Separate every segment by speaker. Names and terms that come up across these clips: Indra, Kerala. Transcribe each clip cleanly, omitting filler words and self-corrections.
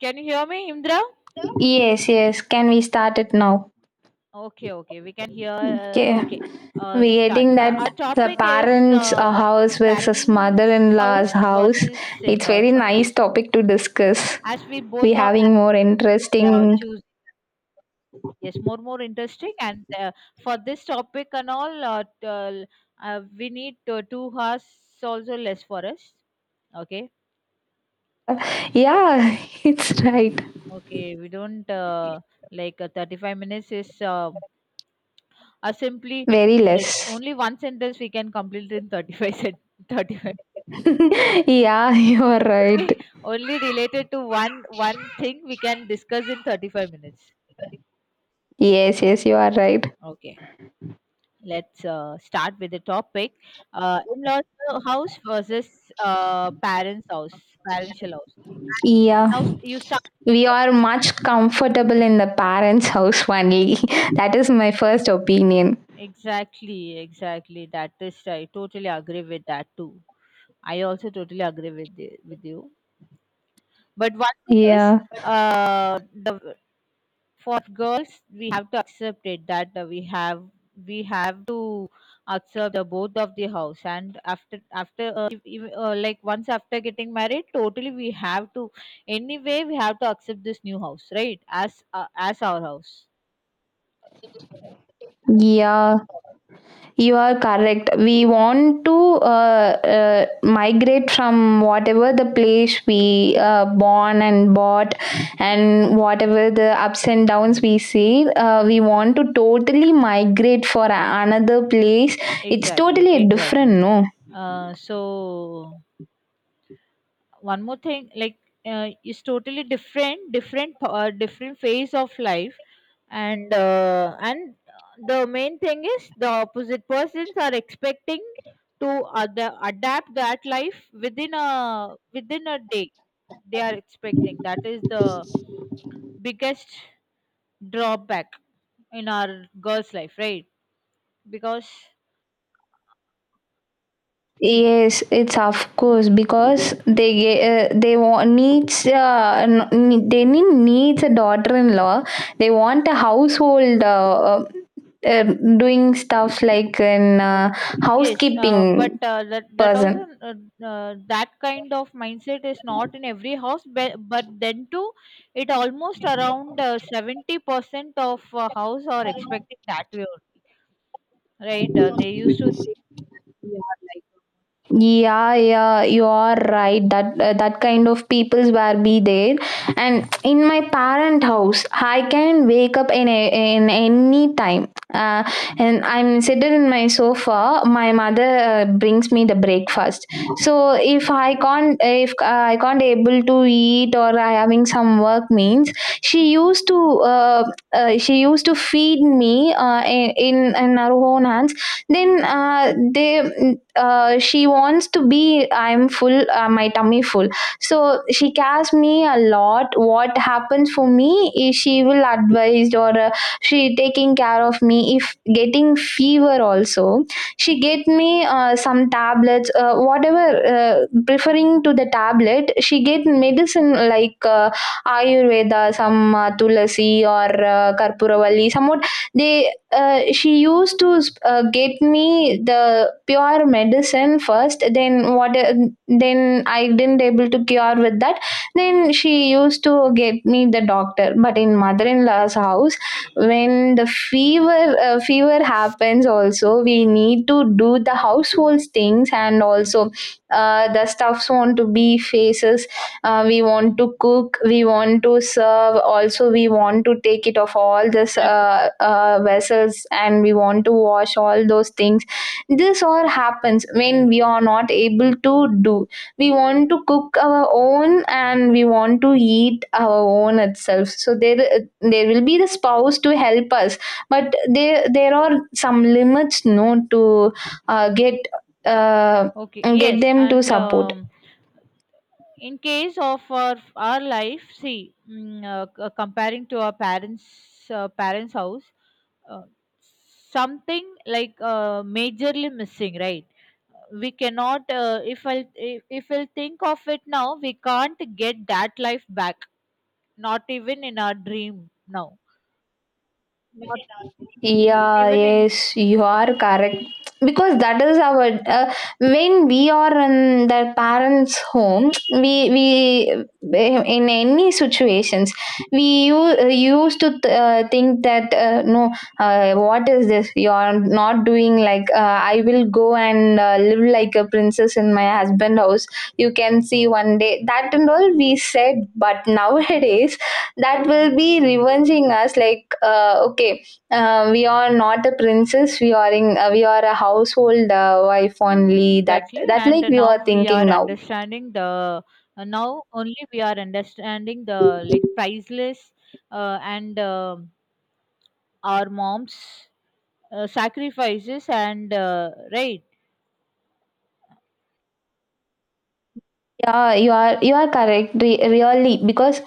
Speaker 1: Can you hear me, Indra?
Speaker 2: Yes, yes. Can we start it now?
Speaker 1: Okay, okay, we can hear.
Speaker 2: Okay.
Speaker 1: Okay,
Speaker 2: We're
Speaker 1: start.
Speaker 2: getting that
Speaker 1: Our
Speaker 2: the
Speaker 1: topic is
Speaker 2: parents' house versus
Speaker 1: parents'
Speaker 2: mother-in-law's
Speaker 1: house
Speaker 2: house.
Speaker 1: versus
Speaker 2: It's
Speaker 1: in-laws'
Speaker 2: very nice
Speaker 1: house.
Speaker 2: topic to discuss.
Speaker 1: As we
Speaker 2: We
Speaker 1: both are
Speaker 2: having more
Speaker 1: married, we are
Speaker 2: interesting.
Speaker 1: choosing. Yes, more interesting. And For this topic and all, we need 2 hours also less for us. Okay,
Speaker 2: Yeah, it's right.
Speaker 1: okay, we don't like 35 minutes is simply
Speaker 2: Very
Speaker 1: yes,
Speaker 2: less.
Speaker 1: only one sentence we can complete in 35.
Speaker 2: Yeah, you are right.
Speaker 1: Only only related to one thing we can discuss in 35 minutes.
Speaker 2: Yes, yes, you are right.
Speaker 1: Okay. Let's start with the topic. In-laws house versus parents' house, parental house.
Speaker 2: Yeah,
Speaker 1: Now you start.
Speaker 2: we are much comfortable in the parents' house only. That is my first opinion.
Speaker 1: Exactly, exactly. That is right. Totally agree with that too. I also totally agree with with you. But one thing is,
Speaker 2: Yeah,
Speaker 1: the for girls, we have to accept it that we have to accept the both of the house, and after after if, like once after getting married totally we have to accept this new house, right? As our house.
Speaker 2: yeah. You are correct. We want to migrate from whatever the place we born and bought, and whatever the ups and downs we see. We want to totally migrate for another place. It's
Speaker 1: Exactly,
Speaker 2: totally different,
Speaker 1: exactly.
Speaker 2: no?
Speaker 1: So one more thing, like, is totally different, different phase of life. And the main thing is the opposite persons are expecting to adapt that life within a day, they are expecting. That is the biggest drawback in our girls' life, right? Because, see,
Speaker 2: Yes, it's of course because they want needs they need needs a daughter-in-law. They want a household uh, doing stuff like an
Speaker 1: okay. Yes, but
Speaker 2: housekeeping
Speaker 1: that that also
Speaker 2: person.
Speaker 1: that kind of mindset is not in every house. But then too, it almost around 70% of house are expecting that way only, right? They used to think we are like.
Speaker 2: Yeah, yeah, you are right. That kind of peoples were be there, and in my parent house, I can wake up in any time. And I'm sitting in my sofa. My mother brings me the breakfast. So if I can't able to eat or I having some work means, she used to uh, she used to feed me in her own hands. Then uh, they uh, she wants to be I'm full my tummy full, so she cares me a lot. What happens for me is she will advise or she taking care of me. If getting fever also, she get me some tablets whatever uh, preferring to the tablet, she get medicine like ayurveda, some tulasi or karpuravalli somewhat. They She used to get me the pure medicine first, then what then I didn't able to cure with that, then she used to get me the doctor. But in mother-in-law's house, when the fever happens also, we need to do the household things, and also the stuffs want to be faces. We want to cook, we want to serve also, we want to take it off all this
Speaker 1: Exactly,
Speaker 2: vessels, and we want to wash all those things. This all happens when we are not able to do. We want to cook our own and we want to eat our own itself, so there will be the spouse to help us. But there are some limits, no, to uh, get uh,
Speaker 1: okay.
Speaker 2: get
Speaker 1: Yes,
Speaker 2: them to
Speaker 1: and
Speaker 2: support.
Speaker 1: in case of our life, see comparing to our parents, parents' house, uh, something like, majorly missing, right? We cannot, if we'll think of it now, we can't get that life back, not even in our dream now. Not
Speaker 2: Yeah,
Speaker 1: even in.
Speaker 2: yes, you are correct. Because that is our. When we are in the parents' home, we in any situations we used to think that no, what is this? You are not doing like I will go and live like a princess in my husband house. You can see one day, that and all we said, but nowadays that will be revenging us, like okay, we are not a princess. We are in. We are a household wife only. That
Speaker 1: Exactly,
Speaker 2: that
Speaker 1: and
Speaker 2: like we
Speaker 1: now
Speaker 2: are
Speaker 1: we are
Speaker 2: thinking now.
Speaker 1: understanding the, now only we are understanding the, like, priceless and our mom's sacrifices, and right.
Speaker 2: Yeah, you are correct. Really, because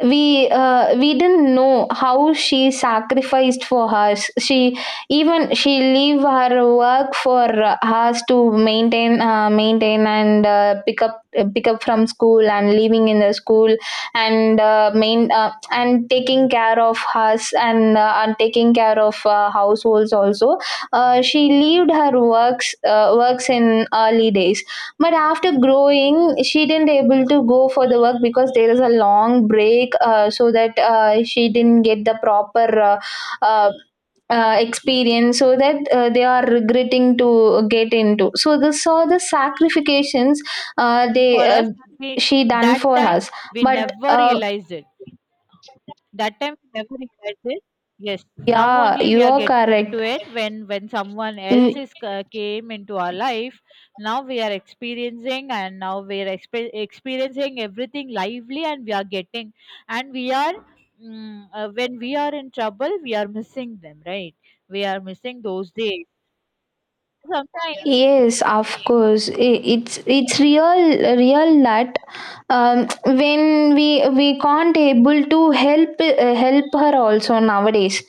Speaker 2: we didn't know how she sacrificed for us. She even she leave her work for us to maintain, and pick up from school and leaving in the school, and taking care of us, and and taking care of households also. She leaved her works in early days, but after growing, she didn't able to go for the work because there is a long break, so that she didn't get the proper uh, experience, so that they are regretting to get into. So this saw the sacrifications
Speaker 1: And for
Speaker 2: they
Speaker 1: us we,
Speaker 2: she done
Speaker 1: that
Speaker 2: for
Speaker 1: time
Speaker 2: us.
Speaker 1: we
Speaker 2: But
Speaker 1: never
Speaker 2: uh,
Speaker 1: realized it. that time we never realized it yes, now
Speaker 2: yeah,
Speaker 1: only we
Speaker 2: you
Speaker 1: are
Speaker 2: are
Speaker 1: getting into
Speaker 2: correct.
Speaker 1: it, when someone else is, came into our life. Now we are experiencing, and now we are experiencing everything lively, and we are getting, and we are when we are in trouble we are missing them, right? We are missing those days sometimes.
Speaker 2: Yes, of course. It's real real that um, when we can't able to help her also nowadays.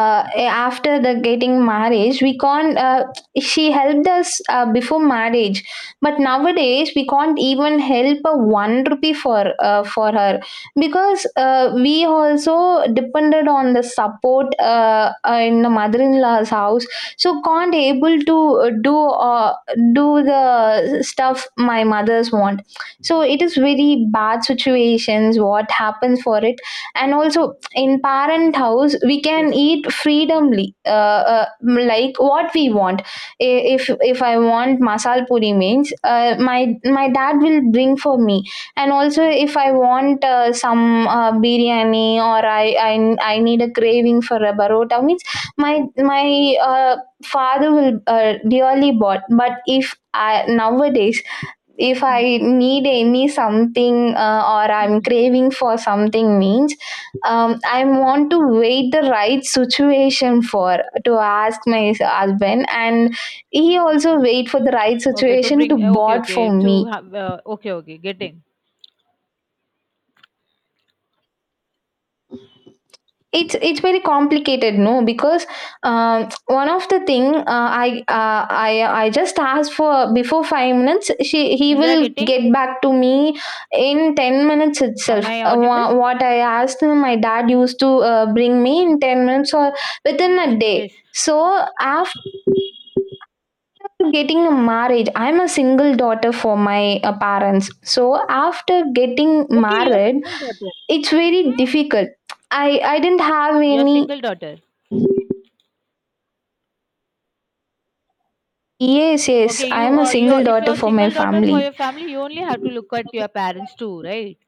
Speaker 2: After the getting marriage, we can't. She helped us before marriage, but nowadays we can't even help a one rupee for her, because we also depended on the support in the mother-in-law's house, so can't able to do the stuff my mothers want. So it is very bad situations what happens for it. And also in parent house, we can
Speaker 1: Yes.
Speaker 2: eat freedomly, like what we want. If I want masal puri means my dad will bring for me. And also if I want some biryani, or I need a craving for a barota means my my uh, father will dearly bought. But if I nowadays, if I need any something or I'm
Speaker 1: Mhm.
Speaker 2: craving for something means, I want to wait the right situation for to ask my husband, and he also wait for the right
Speaker 1: Okay, to
Speaker 2: situation to
Speaker 1: bring, okay,
Speaker 2: bought
Speaker 1: okay,
Speaker 2: for
Speaker 1: to
Speaker 2: me.
Speaker 1: have, okay, okay, getting.
Speaker 2: It's very complicated, no, because one of the thing, I just asked for before 5 minutes. She he
Speaker 1: Indra,
Speaker 2: will
Speaker 1: getting?
Speaker 2: get back to me in 10 minutes
Speaker 1: Am
Speaker 2: itself.
Speaker 1: I
Speaker 2: Uh,
Speaker 1: audible?
Speaker 2: wha- what I asked him, my dad used to bring me in 10 minutes or within a day.
Speaker 1: Yes.
Speaker 2: So after getting a marriage, I'm a single daughter for my parents. So after getting
Speaker 1: Okay, your
Speaker 2: married,
Speaker 1: single daughter.
Speaker 2: it's very difficult. I didn't have
Speaker 1: Your
Speaker 2: any.
Speaker 1: single daughter.
Speaker 2: Yes, yes.
Speaker 1: Okay,
Speaker 2: I
Speaker 1: you
Speaker 2: am a
Speaker 1: your
Speaker 2: single
Speaker 1: if
Speaker 2: daughter
Speaker 1: you're
Speaker 2: for my
Speaker 1: single daughter for
Speaker 2: family.
Speaker 1: your family, you only have to look at your parents too, right?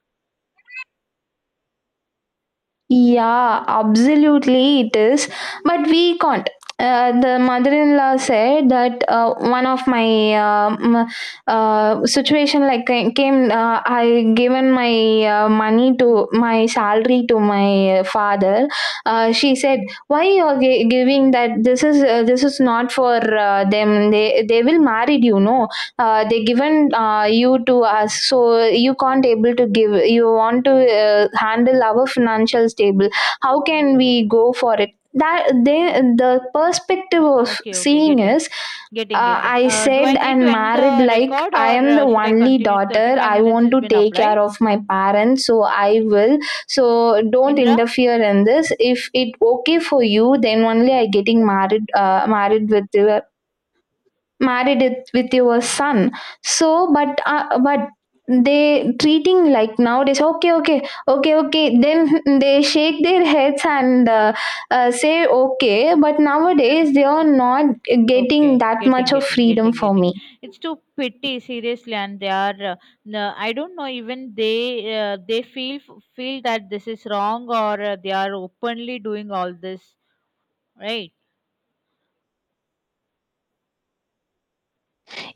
Speaker 2: Yeah, absolutely it is. But we can't. The mother-in-law said that one of my situation like came. I given my money to my salary to my father. She said, "Why you are giving that? This is not for them. They will marry you, no." They given you to us, so you can't able to give. You want to handle our financial stable, how can we go for it, that the perspective of
Speaker 1: Okay, okay,
Speaker 2: seeing
Speaker 1: getting,
Speaker 2: is.
Speaker 1: getting,
Speaker 2: uh,
Speaker 1: getting.
Speaker 2: I
Speaker 1: Do I
Speaker 2: said
Speaker 1: need to
Speaker 2: and
Speaker 1: end
Speaker 2: married
Speaker 1: the
Speaker 2: like
Speaker 1: record,
Speaker 2: I
Speaker 1: or
Speaker 2: am the
Speaker 1: should I
Speaker 2: only
Speaker 1: continue?
Speaker 2: daughter.
Speaker 1: Thirty-five
Speaker 2: I
Speaker 1: minutes
Speaker 2: want
Speaker 1: has
Speaker 2: to
Speaker 1: been up,
Speaker 2: take care
Speaker 1: right,
Speaker 2: of my parents, so I will. So don't
Speaker 1: Indra?
Speaker 2: interfere in this. If it okay for you, then only I getting married. Married with your married it with your son. So but they treating like nowadays, okay okay, okay okay, then they shake their heads, and say okay. But nowadays they are not getting
Speaker 1: Okay,
Speaker 2: that
Speaker 1: getting,
Speaker 2: much of
Speaker 1: getting,
Speaker 2: freedom
Speaker 1: getting,
Speaker 2: for
Speaker 1: getting.
Speaker 2: me.
Speaker 1: It's too pity, seriously, and they are. No, I don't know. Even they feel that this is wrong, or they are openly doing all this, right?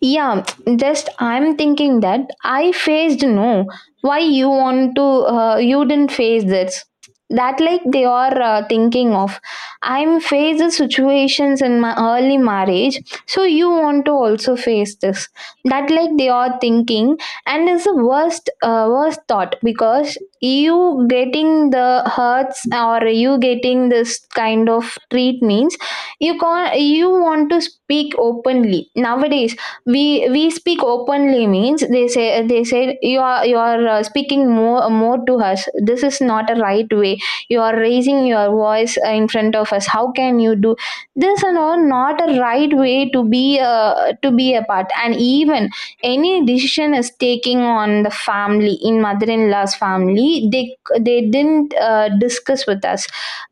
Speaker 2: Yeah, just I'm thinking that I faced, no. Why you want to? You didn't face this. That like they are thinking of. I'm faced the situations in my early marriage, so you want to also face this. That like they are thinking, and it's the worst thought, because you getting the hurts or you getting this kind of treat, means you can't. You want to speak openly. Nowadays we speak openly means they said, you are speaking more to us, this is not a right way. You are raising your voice in front of us, how can you do this and all, not a right way to be a part. And even any decision is taking on the family, in mother-in-law's family they didn't discuss with us,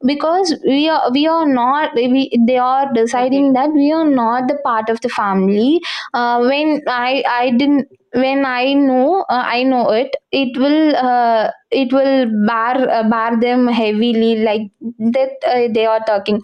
Speaker 2: because we are not we, they are
Speaker 1: Okay,
Speaker 2: deciding that we are
Speaker 1: okay.
Speaker 2: not the part of the family. Uh, when i i didn't when i know, it will bar them heavily, like that, they are talking.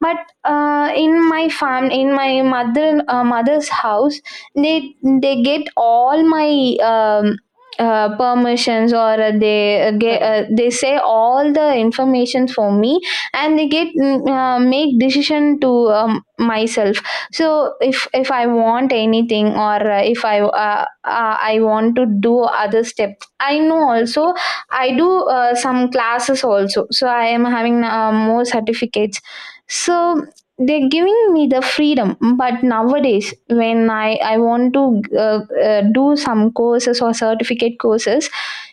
Speaker 2: But in my mother's house, they they get all my um, permissions, or they uh, get,
Speaker 1: Correct.
Speaker 2: uh, they say all the information for me, and they make decision to myself. So if I want anything or if i want to do other steps, I know also.
Speaker 1: Okay,
Speaker 2: I do some classes also, so I am having more certificates. So they're giving me the freedom. But nowadays when i want to uh, do some courses or certificate courses,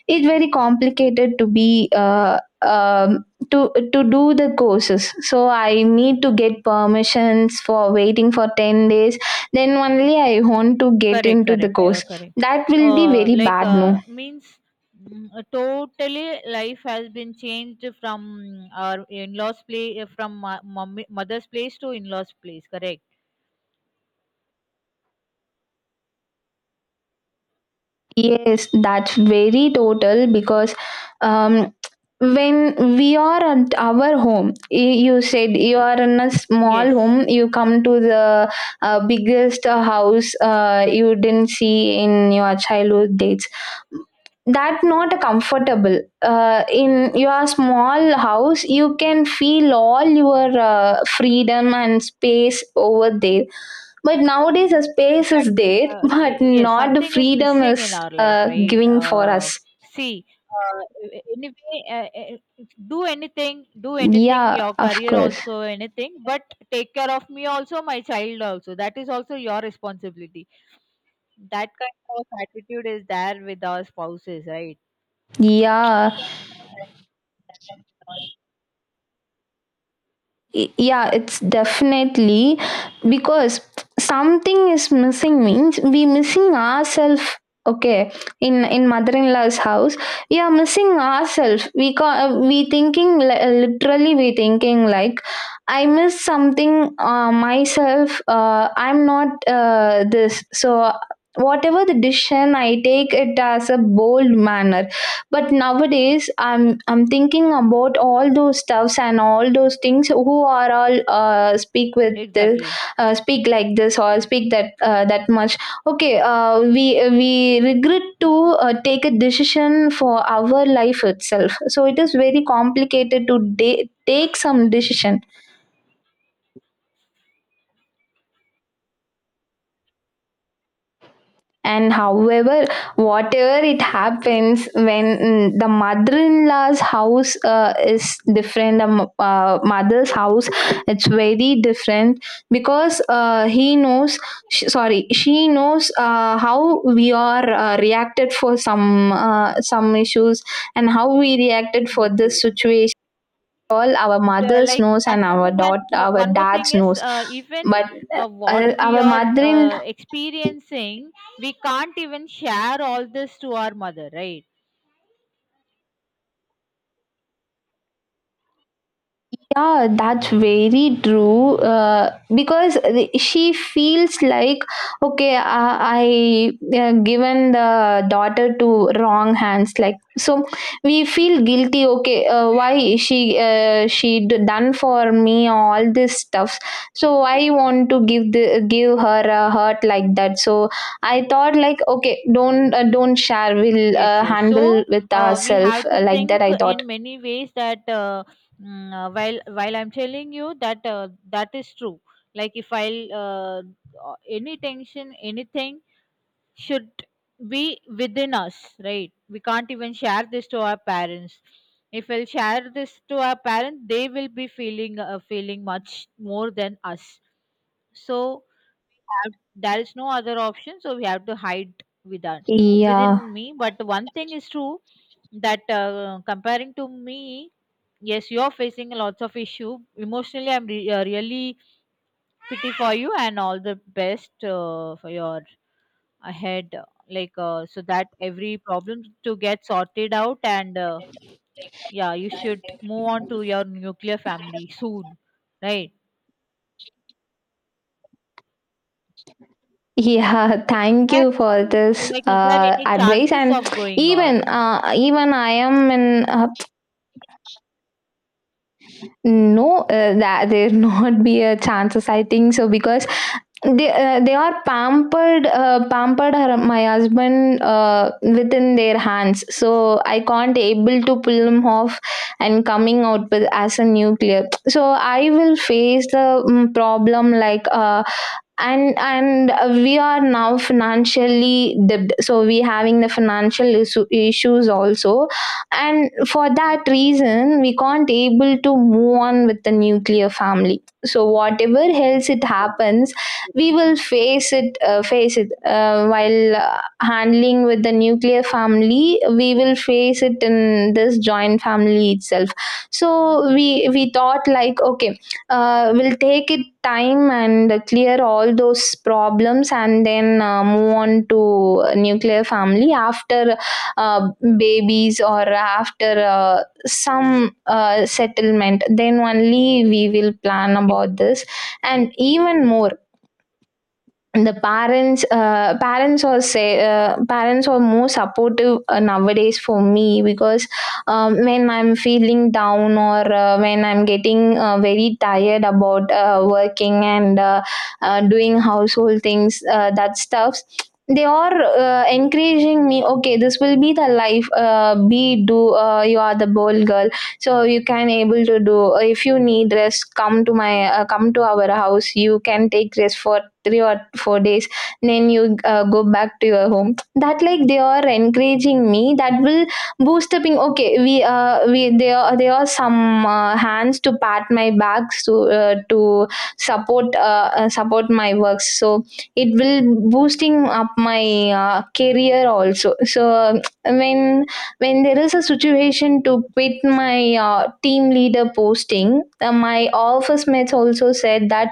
Speaker 2: it's very complicated uh, um to to do the courses. So I need to get permissions for waiting for 10 days, then only I want to get
Speaker 1: correct,
Speaker 2: into the
Speaker 1: correct. You are
Speaker 2: course.
Speaker 1: correct.
Speaker 2: That will be very
Speaker 1: Like,
Speaker 2: bad, no.
Speaker 1: means. Totally, life has been changed from, our in-laws' place, from mother's place to in-laws' place. Correct?
Speaker 2: Yes, that's very total, because um, when we are at our home, you said you are in a small
Speaker 1: Yes.
Speaker 2: home, you come to the biggest house, you didn't see in your childhood dates. That not a comfortable. In your small house, you can feel all your freedom and space over there, but nowadays, a space is
Speaker 1: Exactly.
Speaker 2: there, but
Speaker 1: Yes,
Speaker 2: not the
Speaker 1: something is
Speaker 2: freedom
Speaker 1: missing in
Speaker 2: is
Speaker 1: our life,
Speaker 2: uh,
Speaker 1: right?
Speaker 2: giving for us.
Speaker 1: See, uh, anyway, do anything,
Speaker 2: Yeah,
Speaker 1: your
Speaker 2: of
Speaker 1: career
Speaker 2: course.
Speaker 1: also, anything, but take care of me also, my child also. That is also your responsibility. That kind of attitude is there with our spouses, right?
Speaker 2: Yeah, yeah it's definitely because something is missing means we missing ourselves, okay, in mother-in-law's house. We are missing ourselves. We thinking, literally we thinking like, I miss something, myself. I'm not this. So whatever the decision I take it as a bold manner, but nowadays I'm thinking about all those stuffs and all those things who are all speak with this
Speaker 1: Exactly.
Speaker 2: speak like this or speak that that much. Okay, we regret to take a decision for our life itself, so it is very complicated to take some decision. And however, whatever it happens when, the mother-in-law's house is different, the mother's house, it's very different, because he knows, sorry, she knows how we are reacted for some issues, and how we reacted for
Speaker 1: Yes,
Speaker 2: this
Speaker 1: yes.
Speaker 2: situation. All our
Speaker 1: The,
Speaker 2: mothers
Speaker 1: like,
Speaker 2: knows, and our daughter, our
Speaker 1: one more thing
Speaker 2: dad's
Speaker 1: is,
Speaker 2: knows,
Speaker 1: even
Speaker 2: but
Speaker 1: what we
Speaker 2: our
Speaker 1: are,
Speaker 2: mother-in.
Speaker 1: experiencing, we can't even share all this to our mother, right?
Speaker 2: Yeah, that's very true. Because she feels like, okay, I given the daughter to wrong hands. Like so, we feel guilty. Okay, why she done for me all this stuff? So I want to give the give her a hurt like that. So I thought like, okay, don't share. We'll
Speaker 1: Yes, yes, so
Speaker 2: handle with
Speaker 1: we have
Speaker 2: ourselves
Speaker 1: to
Speaker 2: like
Speaker 1: think
Speaker 2: that, I thought.
Speaker 1: in many ways that, while I'm telling you that, that is true. Like, if I'll any tension, anything should be within us, right? We can't even share this to our parents. If we'll share this to our parents, they will be feeling, feeling much more than us. So there is no other option, so we have to hide within,
Speaker 2: Yeah.
Speaker 1: me. But one thing is true, that, comparing to me, yes, you are facing lots of issue emotionally. I'm really pity for you, and all the best for your ahead, so that every problem to get sorted out, and yeah, you should move on to your nuclear family soon, right?
Speaker 2: Yeah,
Speaker 1: like is
Speaker 2: thank
Speaker 1: there
Speaker 2: you for
Speaker 1: any
Speaker 2: this
Speaker 1: like, is there any
Speaker 2: advice.
Speaker 1: chances
Speaker 2: And
Speaker 1: of going or not?
Speaker 2: even I am in no, that there not be a chances. I think so, because they are pampered, pampered her, my husband within their hands. So I can't able to pull him off and coming out with as a nuclear. So I will face the problem like. And we are now financially dipped, so we having the financial issues also. And for that reason we can't able to move on with the nuclear family, so whatever else it
Speaker 1: Okay,
Speaker 2: happens, we will face it while handling with the nuclear family. We will face it in this joint family itself. So we thought like, okay, will take it time and clear all those problems, and then move on to nuclear family after uh, babies or after some settlement, then only we will plan
Speaker 1: okay.
Speaker 2: about this. And even more, the parents parents are say parents are more supportive nowadays for me, because when I'm feeling down, or when I'm getting very tired about working and doing household things, that stuffs. They are encouraging me, okay, this will be the life, be do you are the bold girl, so you can able to do. If you need rest, come to my come to our house, you can take rest for 3 or 4 days, then you go back to your home. That like they are encouraging me, that will boost up in, okay, we there are some hands to pat my back, so to support my works, so it will boosting up my career also. So when there is a situation to quit my team leader posting, my office mates also said that,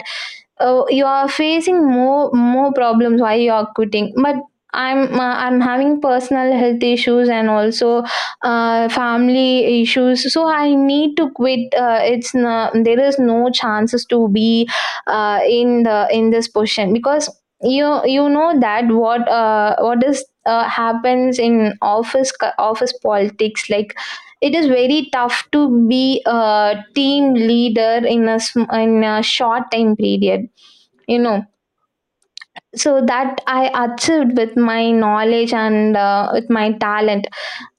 Speaker 2: oh, you are facing more problems, why you are quitting? But I'm having personal health issues, and also family issues, so I need to quit. It's no, there is no chances to be in the in this position, because you know that what is happens in office politics, like it is very tough to be a team leader in a in a short time period, you know. So that I achieved with my knowledge and with my talent.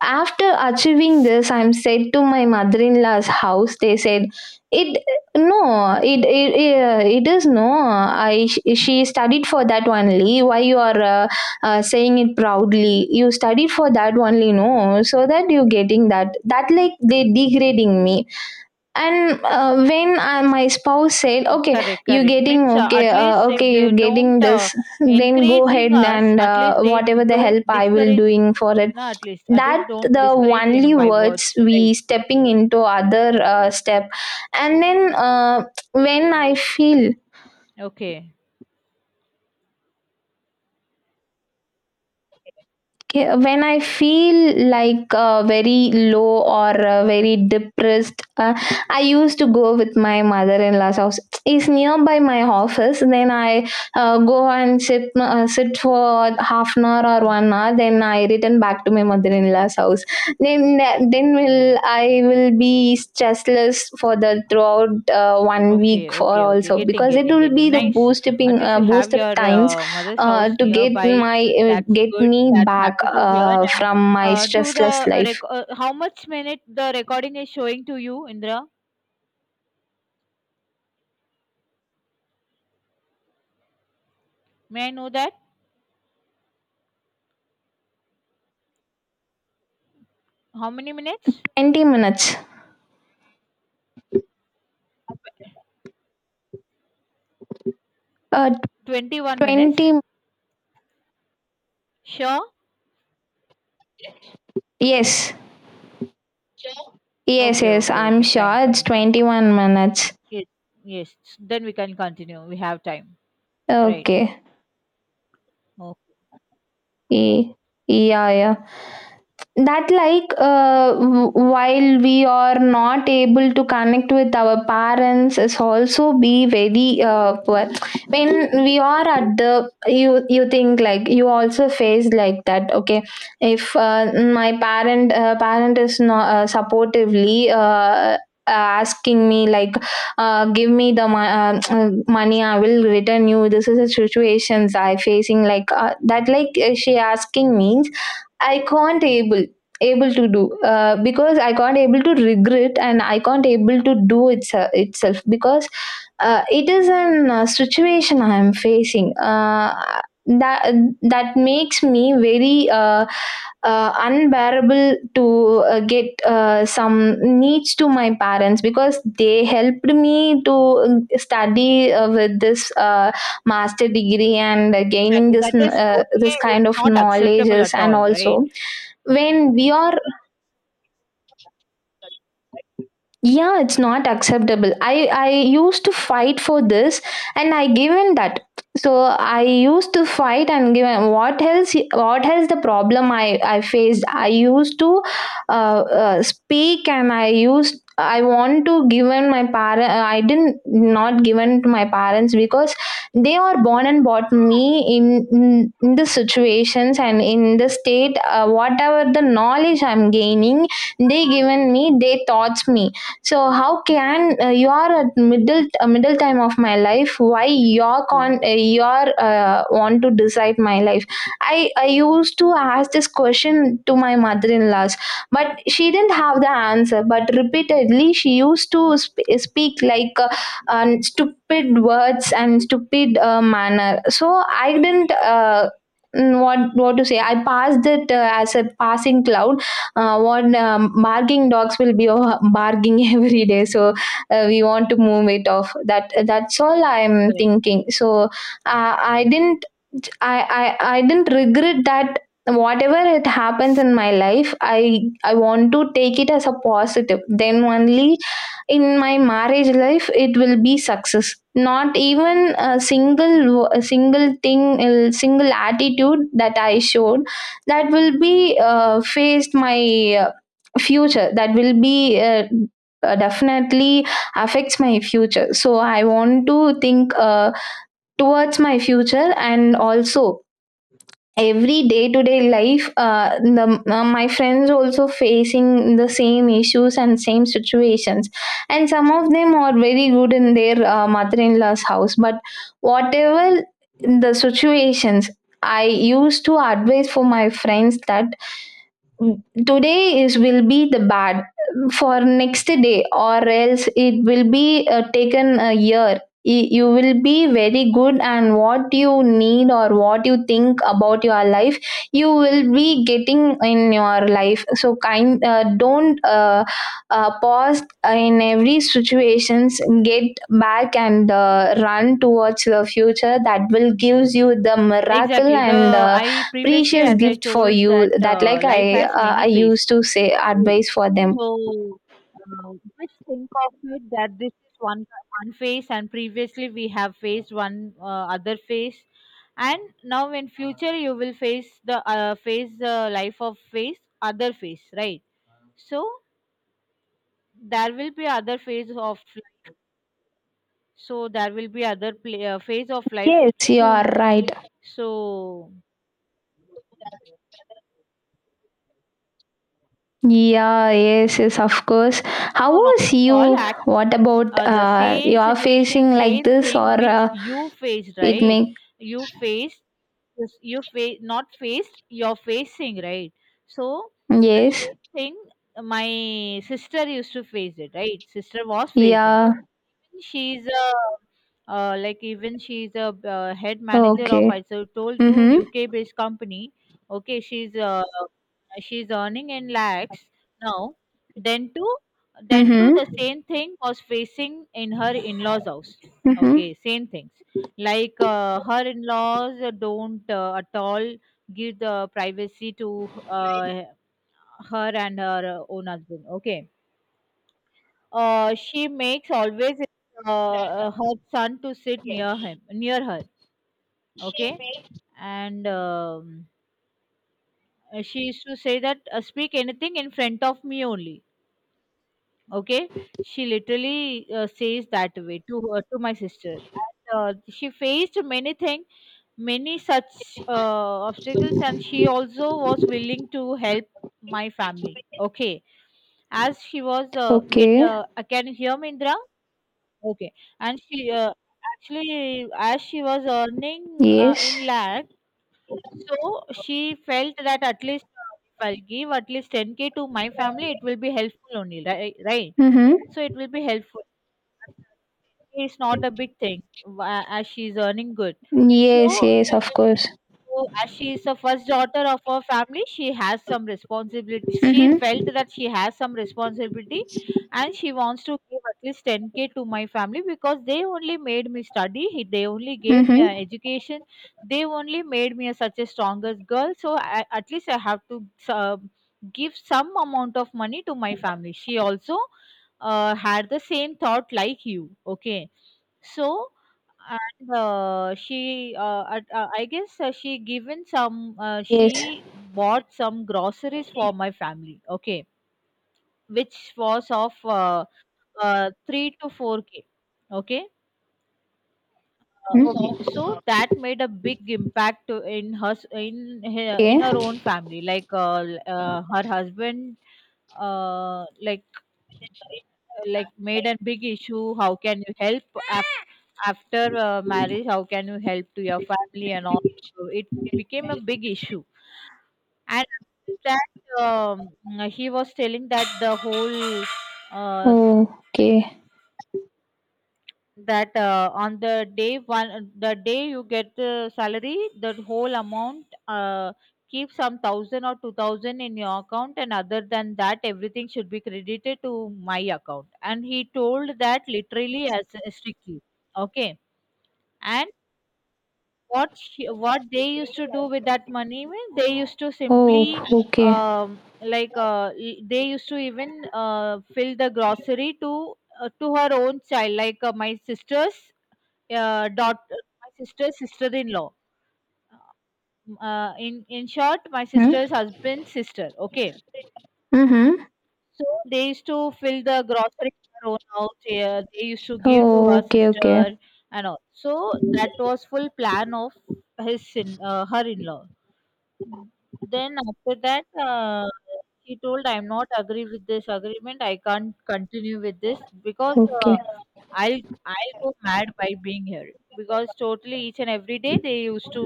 Speaker 2: After achieving this, I'm said to my mother-in-law's house. They said, "It no, it is no. I, she studied for that only. Why you are saying it proudly? You studied for that only, no? So that you getting that that like they degrading me." And when I, my spouse said, okay,
Speaker 1: Correct,
Speaker 2: you
Speaker 1: correct,
Speaker 2: getting
Speaker 1: means
Speaker 2: okay,
Speaker 1: at least if
Speaker 2: okay,
Speaker 1: they
Speaker 2: you
Speaker 1: don't,
Speaker 2: getting this, then go ahead,
Speaker 1: encouraging us,
Speaker 2: and
Speaker 1: at least they
Speaker 2: whatever the
Speaker 1: don't
Speaker 2: help I will
Speaker 1: discourage,
Speaker 2: doing for it.
Speaker 1: no, at
Speaker 2: That
Speaker 1: least don't
Speaker 2: the
Speaker 1: discouraging
Speaker 2: only
Speaker 1: by
Speaker 2: words
Speaker 1: words,
Speaker 2: we
Speaker 1: right?
Speaker 2: stepping into other step. And then when I feel.
Speaker 1: Okay.
Speaker 2: Okay, when I feel like very low, or very depressed, I used to go with my mother-in-law's house. It's nearby my office. Then I go and sit for half an hour or 1 hour. Then I return back to my mother-in-law's house. Then then will I will be stressless for the throughout 1 week
Speaker 1: Okay,
Speaker 2: for
Speaker 1: okay, okay.
Speaker 2: also,
Speaker 1: Getting,
Speaker 2: because it
Speaker 1: getting,
Speaker 2: will
Speaker 1: getting.
Speaker 2: be the
Speaker 1: Nice. At least you have
Speaker 2: boost up
Speaker 1: your
Speaker 2: times,
Speaker 1: mother's house
Speaker 2: to get
Speaker 1: nearby.
Speaker 2: my
Speaker 1: That's
Speaker 2: get
Speaker 1: good.
Speaker 2: me
Speaker 1: That's
Speaker 2: back
Speaker 1: happy to hear. And
Speaker 2: from my
Speaker 1: do
Speaker 2: stressless
Speaker 1: the
Speaker 2: life.
Speaker 1: how much minute the recording is showing to you, Indra? May I know that? How many minutes?
Speaker 2: 20 minutes. Uh,
Speaker 1: 21 minutes.
Speaker 2: 20.
Speaker 1: Sure.
Speaker 2: Yes, yes,
Speaker 1: Okay,
Speaker 2: yes,
Speaker 1: okay,
Speaker 2: I'm
Speaker 1: okay. Fine,
Speaker 2: sure it's
Speaker 1: fine, fine.
Speaker 2: 21 minutes.
Speaker 1: Yes, yes. Then we can continue. We have time. Right.
Speaker 2: Okay.
Speaker 1: Okay.
Speaker 2: Ye- Yeah, yeah. That like while we are not able to connect with our parents is also be very poor, when we are at the. You think like, you also face like that. Okay, if my parent parent is not supportively asking me like, give me the money, I will return you. This is the situations I facing like, that like she asking means I can't able able to do, because I can't able to regret, and I can't able to do it itself, because it is an situation I am facing, that that makes me very, unbearable to get some needs to my parents, because they helped me to study with this master degree and gaining
Speaker 1: Exactly.
Speaker 2: this
Speaker 1: That is
Speaker 2: this
Speaker 1: totally.
Speaker 2: kind
Speaker 1: It's
Speaker 2: of
Speaker 1: not acceptable
Speaker 2: knowledges,
Speaker 1: at
Speaker 2: and
Speaker 1: all. Right.
Speaker 2: also when we are. Yeah, it's not acceptable. I used to fight for this, and I given that. So I used to fight and given. What else the problem I faced, I used to speak. And I want to given my parent, I didn't not given to my parents, because they are born and bought me in, in the situations, and in the state, whatever the knowledge I'm gaining, they given me, they taught me. So how can, you are at middle time of my life? Why you're
Speaker 1: Yes.
Speaker 2: con you're want to decide my life? I used to ask this question to my mother-in-laws, but she didn't have the answer. But repeatedly she used to speak like, stupid words and stupid manner. So I didn't. What to say, I passed it as a passing cloud. What barking dogs will be barking every day. So we want to move it off. That that's all I'm thinking. So I didn't. I, I didn't regret that, whatever it happens in my life, I want to take it as a positive, then only in my marriage life it will be success. Not even a single thing, a single attitude that I showed, that will be faced my future, that will be definitely affects my future. So I want to think towards my future, and also every day to day life. My friends also facing the same issues and same situations, and some of them are very good in their mother-in-law's house. But whatever the situations, I used to advise for my friends that, today is will be the bad for next day, or else it will be taken a year. You will be very good, and what you need or what you think about your life, you will be getting in your life. So kind, don't pause in every situations. Get back and run towards the future, that will gives you the miracle,
Speaker 1: Exactly.
Speaker 2: and
Speaker 1: The I previously,
Speaker 2: precious
Speaker 1: as I
Speaker 2: gift for
Speaker 1: told,
Speaker 2: you.
Speaker 1: that
Speaker 2: That like
Speaker 1: life has many
Speaker 2: I
Speaker 1: phases.
Speaker 2: used to say
Speaker 1: Right.
Speaker 2: advice for them.
Speaker 1: So uh, just think of it that this is one phase, and previously we have faced one, other phase, and now in future you will face the, phase life of phase, other phase, right? So there will be other phase of life. So there will be other pla phase of life
Speaker 2: Yes, you are
Speaker 1: soon.
Speaker 2: right.
Speaker 1: So
Speaker 2: Yeah, yes, yes, of course. How
Speaker 1: no, not
Speaker 2: was
Speaker 1: at all.
Speaker 2: you?
Speaker 1: Actually,
Speaker 2: What about
Speaker 1: the same
Speaker 2: you are
Speaker 1: situation,
Speaker 2: facing like
Speaker 1: same
Speaker 2: this,
Speaker 1: thing
Speaker 2: or
Speaker 1: which you faced,
Speaker 2: it
Speaker 1: right?
Speaker 2: make.
Speaker 1: You faced, you face, not faced, you're facing, right? So
Speaker 2: Yes.
Speaker 1: same thing. My sister used to face it, right? Sister was facing,
Speaker 2: Yeah.
Speaker 1: she's a she's a, head manager
Speaker 2: Okay.
Speaker 1: of, I so told you,
Speaker 2: Mhm.
Speaker 1: UK based company. Okay, she's, earning in lakhs now. Then to then to the
Speaker 2: Mhm.
Speaker 1: same thing was facing in her in laws house.
Speaker 2: Mhm.
Speaker 1: Okay, same things, like her in laws don't, at all give the privacy to, her and her own husband. Okay, she makes always, her son to sit near him, near her. Okay, and she used to say that, speak anything in front of me only. Okay, she literally says that way to her, to my sister. And, she faced many things, many such obstacles, and she also was willing to help my family. Okay, as she was, get
Speaker 2: Okay.
Speaker 1: can you hear me, Indra? Okay. And she, actually, as she was earning,
Speaker 2: Yes.
Speaker 1: in lakh, so she felt that at least, if I'll give at least 10k to my family, it will be helpful only, right? Right.
Speaker 2: Mhm.
Speaker 1: So it will be helpful. It's not a big thing, as she's earning good.
Speaker 2: Yes,
Speaker 1: So,
Speaker 2: yes, of course.
Speaker 1: so, as she is the first daughter of her family, she has some responsibility. She
Speaker 2: Mhm.
Speaker 1: felt that she has some responsibility, and she wants to give at least 10k to my family, because they only made me study, they only gave me
Speaker 2: Mhm.
Speaker 1: an education, they only made me such a strongest girl. So, I, at least I have to, give some amount of money to my family. She also, had the same thought like you. Okay, so, and she, I guess,
Speaker 2: Yes.
Speaker 1: she bought some groceries for my family, okay, which was of, 3 to 4K, okay.
Speaker 2: Mm.
Speaker 1: Okay, so that made a big impact in her, in
Speaker 2: Okay,
Speaker 1: her
Speaker 2: okay.
Speaker 1: own family. Like, her husband, like, made a big issue, how can you help af- after, marriage, how can you help to your family and all? So, it became a big issue, and after that, he was telling that the whole, uh,
Speaker 2: Oh, okay.
Speaker 1: that on the day, one the day you get the salary, the whole amount, keep some 1,000 or 2,000 in your account, and other than that everything should be credited to my account, and he told that literally, as strictly, okay. And what she, what they used to do with that money, means they used to
Speaker 2: Oh,
Speaker 1: simply,
Speaker 2: okay.
Speaker 1: they used to even, fill the grocery to, to her own child, like, my sister's, daughter, my sister's sister-in-law. In, short, my
Speaker 2: Hmm?
Speaker 1: sister's husband's sister. Okay,
Speaker 2: Mhm.
Speaker 1: so they used to fill the grocery in her own house. Yeah, they used to give to
Speaker 2: Oh,
Speaker 1: her
Speaker 2: okay, okay.
Speaker 1: sister and all. So that was full plan of his in her in-law. Then after that, she told, "I'm not agree with this agreement. I can't continue with this because."
Speaker 2: Okay.
Speaker 1: Uh, I'll I'll go mad by being here because totally each and every day they used to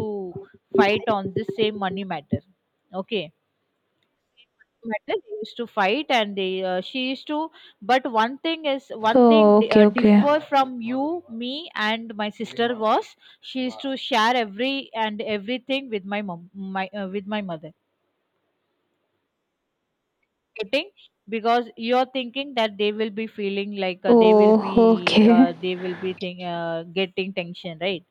Speaker 1: fight on this same money matter. Okay. Matter they used to fight and they she used to but one thing is one thing
Speaker 2: Oh,
Speaker 1: di-
Speaker 2: okay, okay.
Speaker 1: differ from you me and my sister was she used to share every and everything with my mom my with my mother getting because you're thinking that they will be feeling like
Speaker 2: Oh, okay.
Speaker 1: they will be getting tension, right?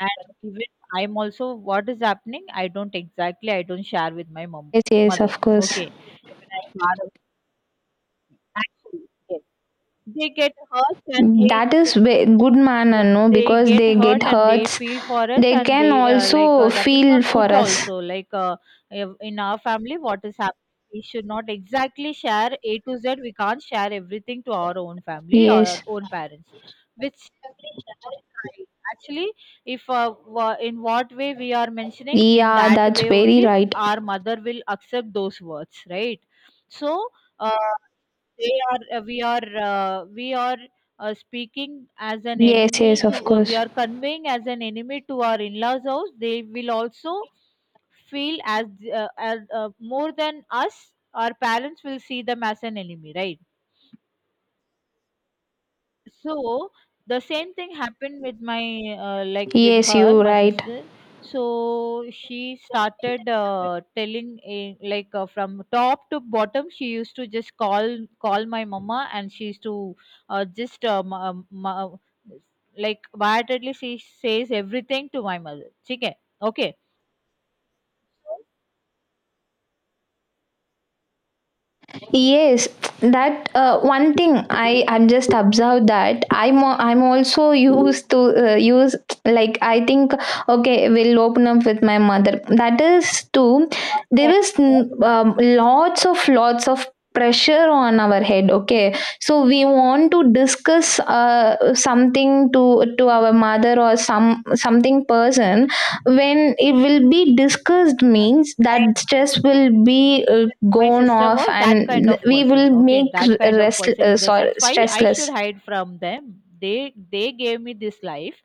Speaker 1: And even I'm also what is happening, I don't exactly I don't share with my mom
Speaker 2: Yes, yes,
Speaker 1: mother.
Speaker 2: of course.
Speaker 1: Okay. Even I'm part of actually, yes. They get hurt and
Speaker 2: That is good manner, no?
Speaker 1: they
Speaker 2: Because
Speaker 1: get
Speaker 2: they
Speaker 1: hurt
Speaker 2: get
Speaker 1: and they
Speaker 2: hurts.
Speaker 1: feel for us
Speaker 2: They
Speaker 1: and
Speaker 2: can
Speaker 1: they
Speaker 2: also
Speaker 1: that is
Speaker 2: feel
Speaker 1: not
Speaker 2: for
Speaker 1: good
Speaker 2: us.
Speaker 1: also in our family what is happening, we should not exactly share A to Z, we can't share everything to our own family or our
Speaker 2: Yes.
Speaker 1: own parents which right. Actually, if in what way we are mentioning, in
Speaker 2: Yeah,
Speaker 1: that
Speaker 2: that's
Speaker 1: way
Speaker 2: very
Speaker 1: only
Speaker 2: right.
Speaker 1: our mother will accept those words, right? So uh, they are we are speaking as an
Speaker 2: Yes, yes,
Speaker 1: enemy to
Speaker 2: of
Speaker 1: we
Speaker 2: course.
Speaker 1: are conveying as an enemy to our in-laws house. They will also feel as, more than us. Our parents will see them as an enemy, right? So the same thing happened with my like with
Speaker 2: Yes,
Speaker 1: her,
Speaker 2: you
Speaker 1: my
Speaker 2: right.
Speaker 1: sister. So she started telling a, like from top to bottom. She used to just call my mama, and she used to uh, just um, um, ma- like wildly she says everything to my mother. Okay,
Speaker 2: Yes, that one thing I'm just observed, that I'm also used to use like. I think, okay, we'll open up with my mother, that is too. There
Speaker 1: okay.
Speaker 2: is, lots of pressure on our head. Okay, so we want to discuss something to our mother, or some something person. When it will be discussed
Speaker 1: Exactly.
Speaker 2: means
Speaker 1: My
Speaker 2: that
Speaker 1: my
Speaker 2: stress will
Speaker 1: my
Speaker 2: be
Speaker 1: sister, my
Speaker 2: gone
Speaker 1: sister
Speaker 2: off,
Speaker 1: was that kind
Speaker 2: and
Speaker 1: of
Speaker 2: we
Speaker 1: person.
Speaker 2: will
Speaker 1: Okay,
Speaker 2: make
Speaker 1: that
Speaker 2: r-
Speaker 1: kind of
Speaker 2: rest
Speaker 1: person in the
Speaker 2: sorry,
Speaker 1: sense why I should
Speaker 2: stressless.
Speaker 1: hide from them. They gave me this life,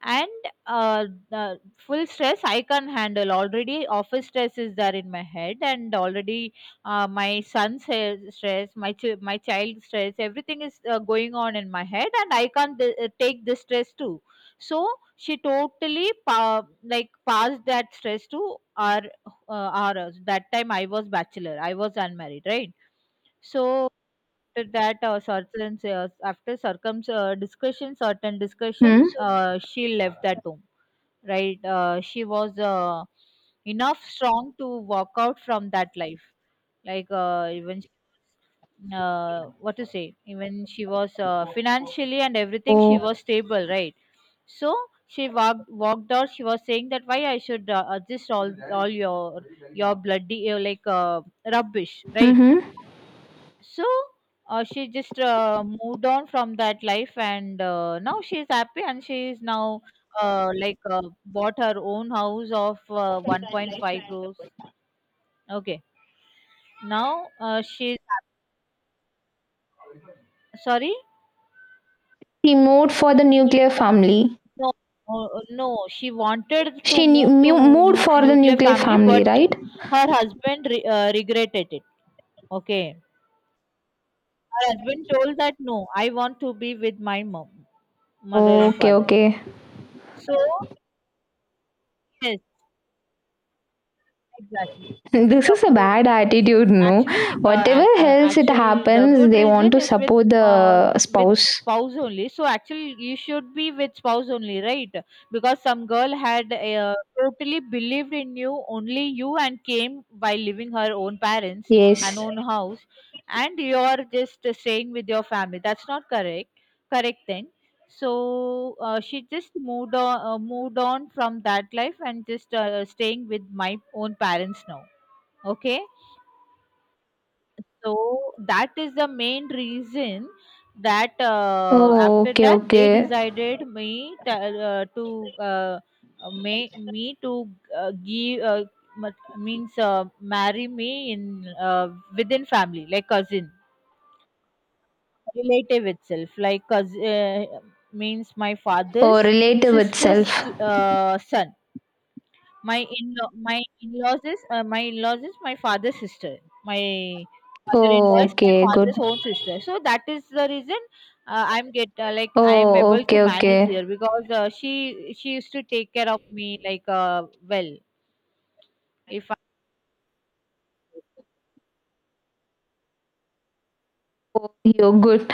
Speaker 1: and the full stress I can't handle. Already office stress is there in my head, and already stress, my child stress, everything is going on in my head, and I can't take this stress too, so she totally passed that stress to our us. That time I was bachelor, I was unmarried, right? So after that certain after circum discussion, certain
Speaker 2: Hmm?
Speaker 1: discussion, she left that home, right? She was enough strong to walk out from that life, even she was, what to say, even she was financially and everything, she was
Speaker 2: So.
Speaker 1: stable, right? So she walked out. She was saying that why I should adjust all your bloody rubbish, right?
Speaker 2: Hmm.
Speaker 1: So she just moved on, from that life, and now she is happy, and she is now bought her own house of 1.5 crores. Okay, now she's sorry.
Speaker 2: She moved for the nuclear family.
Speaker 1: No, no, she wanted to
Speaker 2: She knew,
Speaker 1: move to
Speaker 2: moved for the
Speaker 1: nuclear
Speaker 2: nuclear
Speaker 1: family,
Speaker 2: family,
Speaker 1: but
Speaker 2: right?
Speaker 1: her husband regretted it. Okay. Her husband told that no, I want to be with my mom, mother and
Speaker 2: Okay,
Speaker 1: father.
Speaker 2: okay.
Speaker 1: So yes, exactly.
Speaker 2: This is a
Speaker 1: Suppose
Speaker 2: bad
Speaker 1: yes,
Speaker 2: attitude, no?
Speaker 1: actually,
Speaker 2: Whatever else it
Speaker 1: actual the
Speaker 2: happens,
Speaker 1: good
Speaker 2: they want
Speaker 1: reason
Speaker 2: to
Speaker 1: is
Speaker 2: support
Speaker 1: uh,
Speaker 2: the
Speaker 1: with
Speaker 2: spouse.
Speaker 1: spouse only. So actually, you should be with spouse only, right? Because some girl had totally believed in you, only you, and came by leaving her own parents and
Speaker 2: Yes.
Speaker 1: own house, and you are just staying with your family. That's not correct. Correct then. So she just moved on, moved on from that life and just staying with my own parents now. Okay, so that is the main reason that
Speaker 2: Oh,
Speaker 1: after
Speaker 2: okay,
Speaker 1: that they
Speaker 2: okay.
Speaker 1: decided me t- to me me to give mat- means marry me in within family like cousin relative itself like cousin means my father's
Speaker 2: Or relative itself.
Speaker 1: sister's son. My in-law, my in-laws is my father's sister. My mother-in-law
Speaker 2: Oh,
Speaker 1: is my
Speaker 2: okay, good.
Speaker 1: father's own sister. So that is the reason I'm get like I'm
Speaker 2: Oh,
Speaker 1: able to
Speaker 2: okay,
Speaker 1: manage
Speaker 2: okay.
Speaker 1: here because she used to take care of me like well. If I,
Speaker 2: Oh, you're good.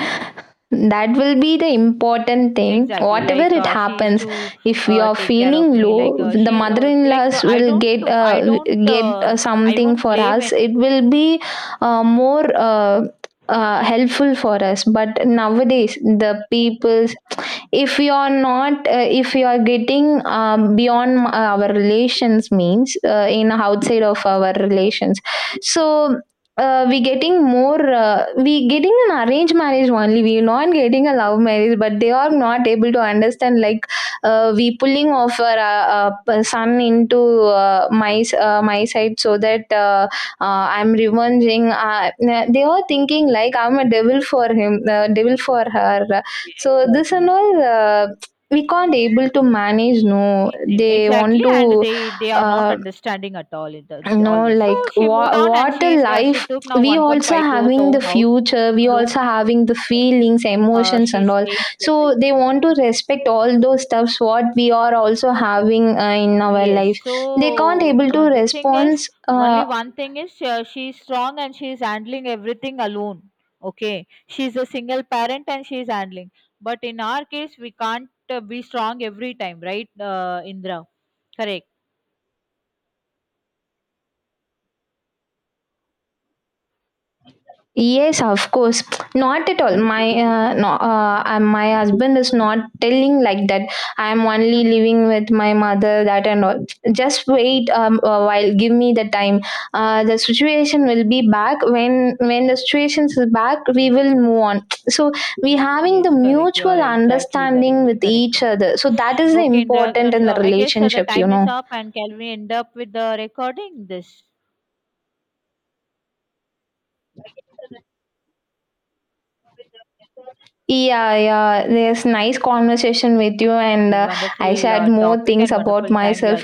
Speaker 2: That will be the important thing.
Speaker 1: exactly
Speaker 2: Whatever
Speaker 1: like
Speaker 2: it
Speaker 1: she used
Speaker 2: happens,
Speaker 1: to
Speaker 2: if you are
Speaker 1: take care of
Speaker 2: feeling
Speaker 1: me like
Speaker 2: low, the
Speaker 1: she like
Speaker 2: mother-in-laws will get,
Speaker 1: I don't
Speaker 2: get
Speaker 1: uh, I
Speaker 2: something
Speaker 1: won't
Speaker 2: for
Speaker 1: blame
Speaker 2: us, it
Speaker 1: anything.
Speaker 2: will be more, helpful for us. But nowadays, the people, if you are not, if you are getting beyond our relations, means in outside of our relations. So, we getting more, we getting an arranged marriage only, we not getting a love marriage. But they are not able to understand like, we pulling off our son into my side, so that I'm revenging, they are thinking like I'm a devil for him, devil for her. So this
Speaker 1: Exactly.
Speaker 2: and all we can't able to manage, no.
Speaker 1: Same,
Speaker 2: They
Speaker 1: exactly,
Speaker 2: want
Speaker 1: and
Speaker 2: to,
Speaker 1: they are not
Speaker 2: uh,
Speaker 1: understanding at all in all
Speaker 2: no,
Speaker 1: this. So
Speaker 2: like
Speaker 1: she moved on, and
Speaker 2: what a
Speaker 1: she
Speaker 2: life.
Speaker 1: took now
Speaker 2: We also
Speaker 1: 1.5 crores
Speaker 2: having the
Speaker 1: own house,
Speaker 2: future, we
Speaker 1: her own
Speaker 2: also
Speaker 1: house.
Speaker 2: having the feelings, emotions,
Speaker 1: She's
Speaker 2: and all.
Speaker 1: staying
Speaker 2: So
Speaker 1: separately.
Speaker 2: they want to respect all those stuffs what we are also having in our
Speaker 1: Yes.
Speaker 2: life.
Speaker 1: So
Speaker 2: They can't able to
Speaker 1: uh, the thing is,
Speaker 2: respond.
Speaker 1: only
Speaker 2: uh,
Speaker 1: one thing is she's strong and she's handling everything alone. Okay, she's a single parent and she's handling. But in our case, we can't be strong every time, right, Indra? Correct.
Speaker 2: Yes, of course. Not at all. My no, my husband is not telling like that. I am only living with my mother, that and all. Just wait a while. Give me the time. The situation will be back. When the situation is back, we will move on. So we having the
Speaker 1: Yes, correct. You are
Speaker 2: mutual
Speaker 1: exactly
Speaker 2: understanding
Speaker 1: correct.
Speaker 2: with
Speaker 1: Correct,
Speaker 2: each
Speaker 1: correct.
Speaker 2: other. So that is the
Speaker 1: Okay, Indra,
Speaker 2: important in the
Speaker 1: I guess the
Speaker 2: relationship, you
Speaker 1: time is
Speaker 2: know.
Speaker 1: up, and can we end up with the recording? This
Speaker 2: Yeah, yeah, there's nice conversation with you, and
Speaker 1: is
Speaker 2: I
Speaker 1: wonderful
Speaker 2: shared more
Speaker 1: topic
Speaker 2: things
Speaker 1: and
Speaker 2: about
Speaker 1: wonderful time we are.
Speaker 2: myself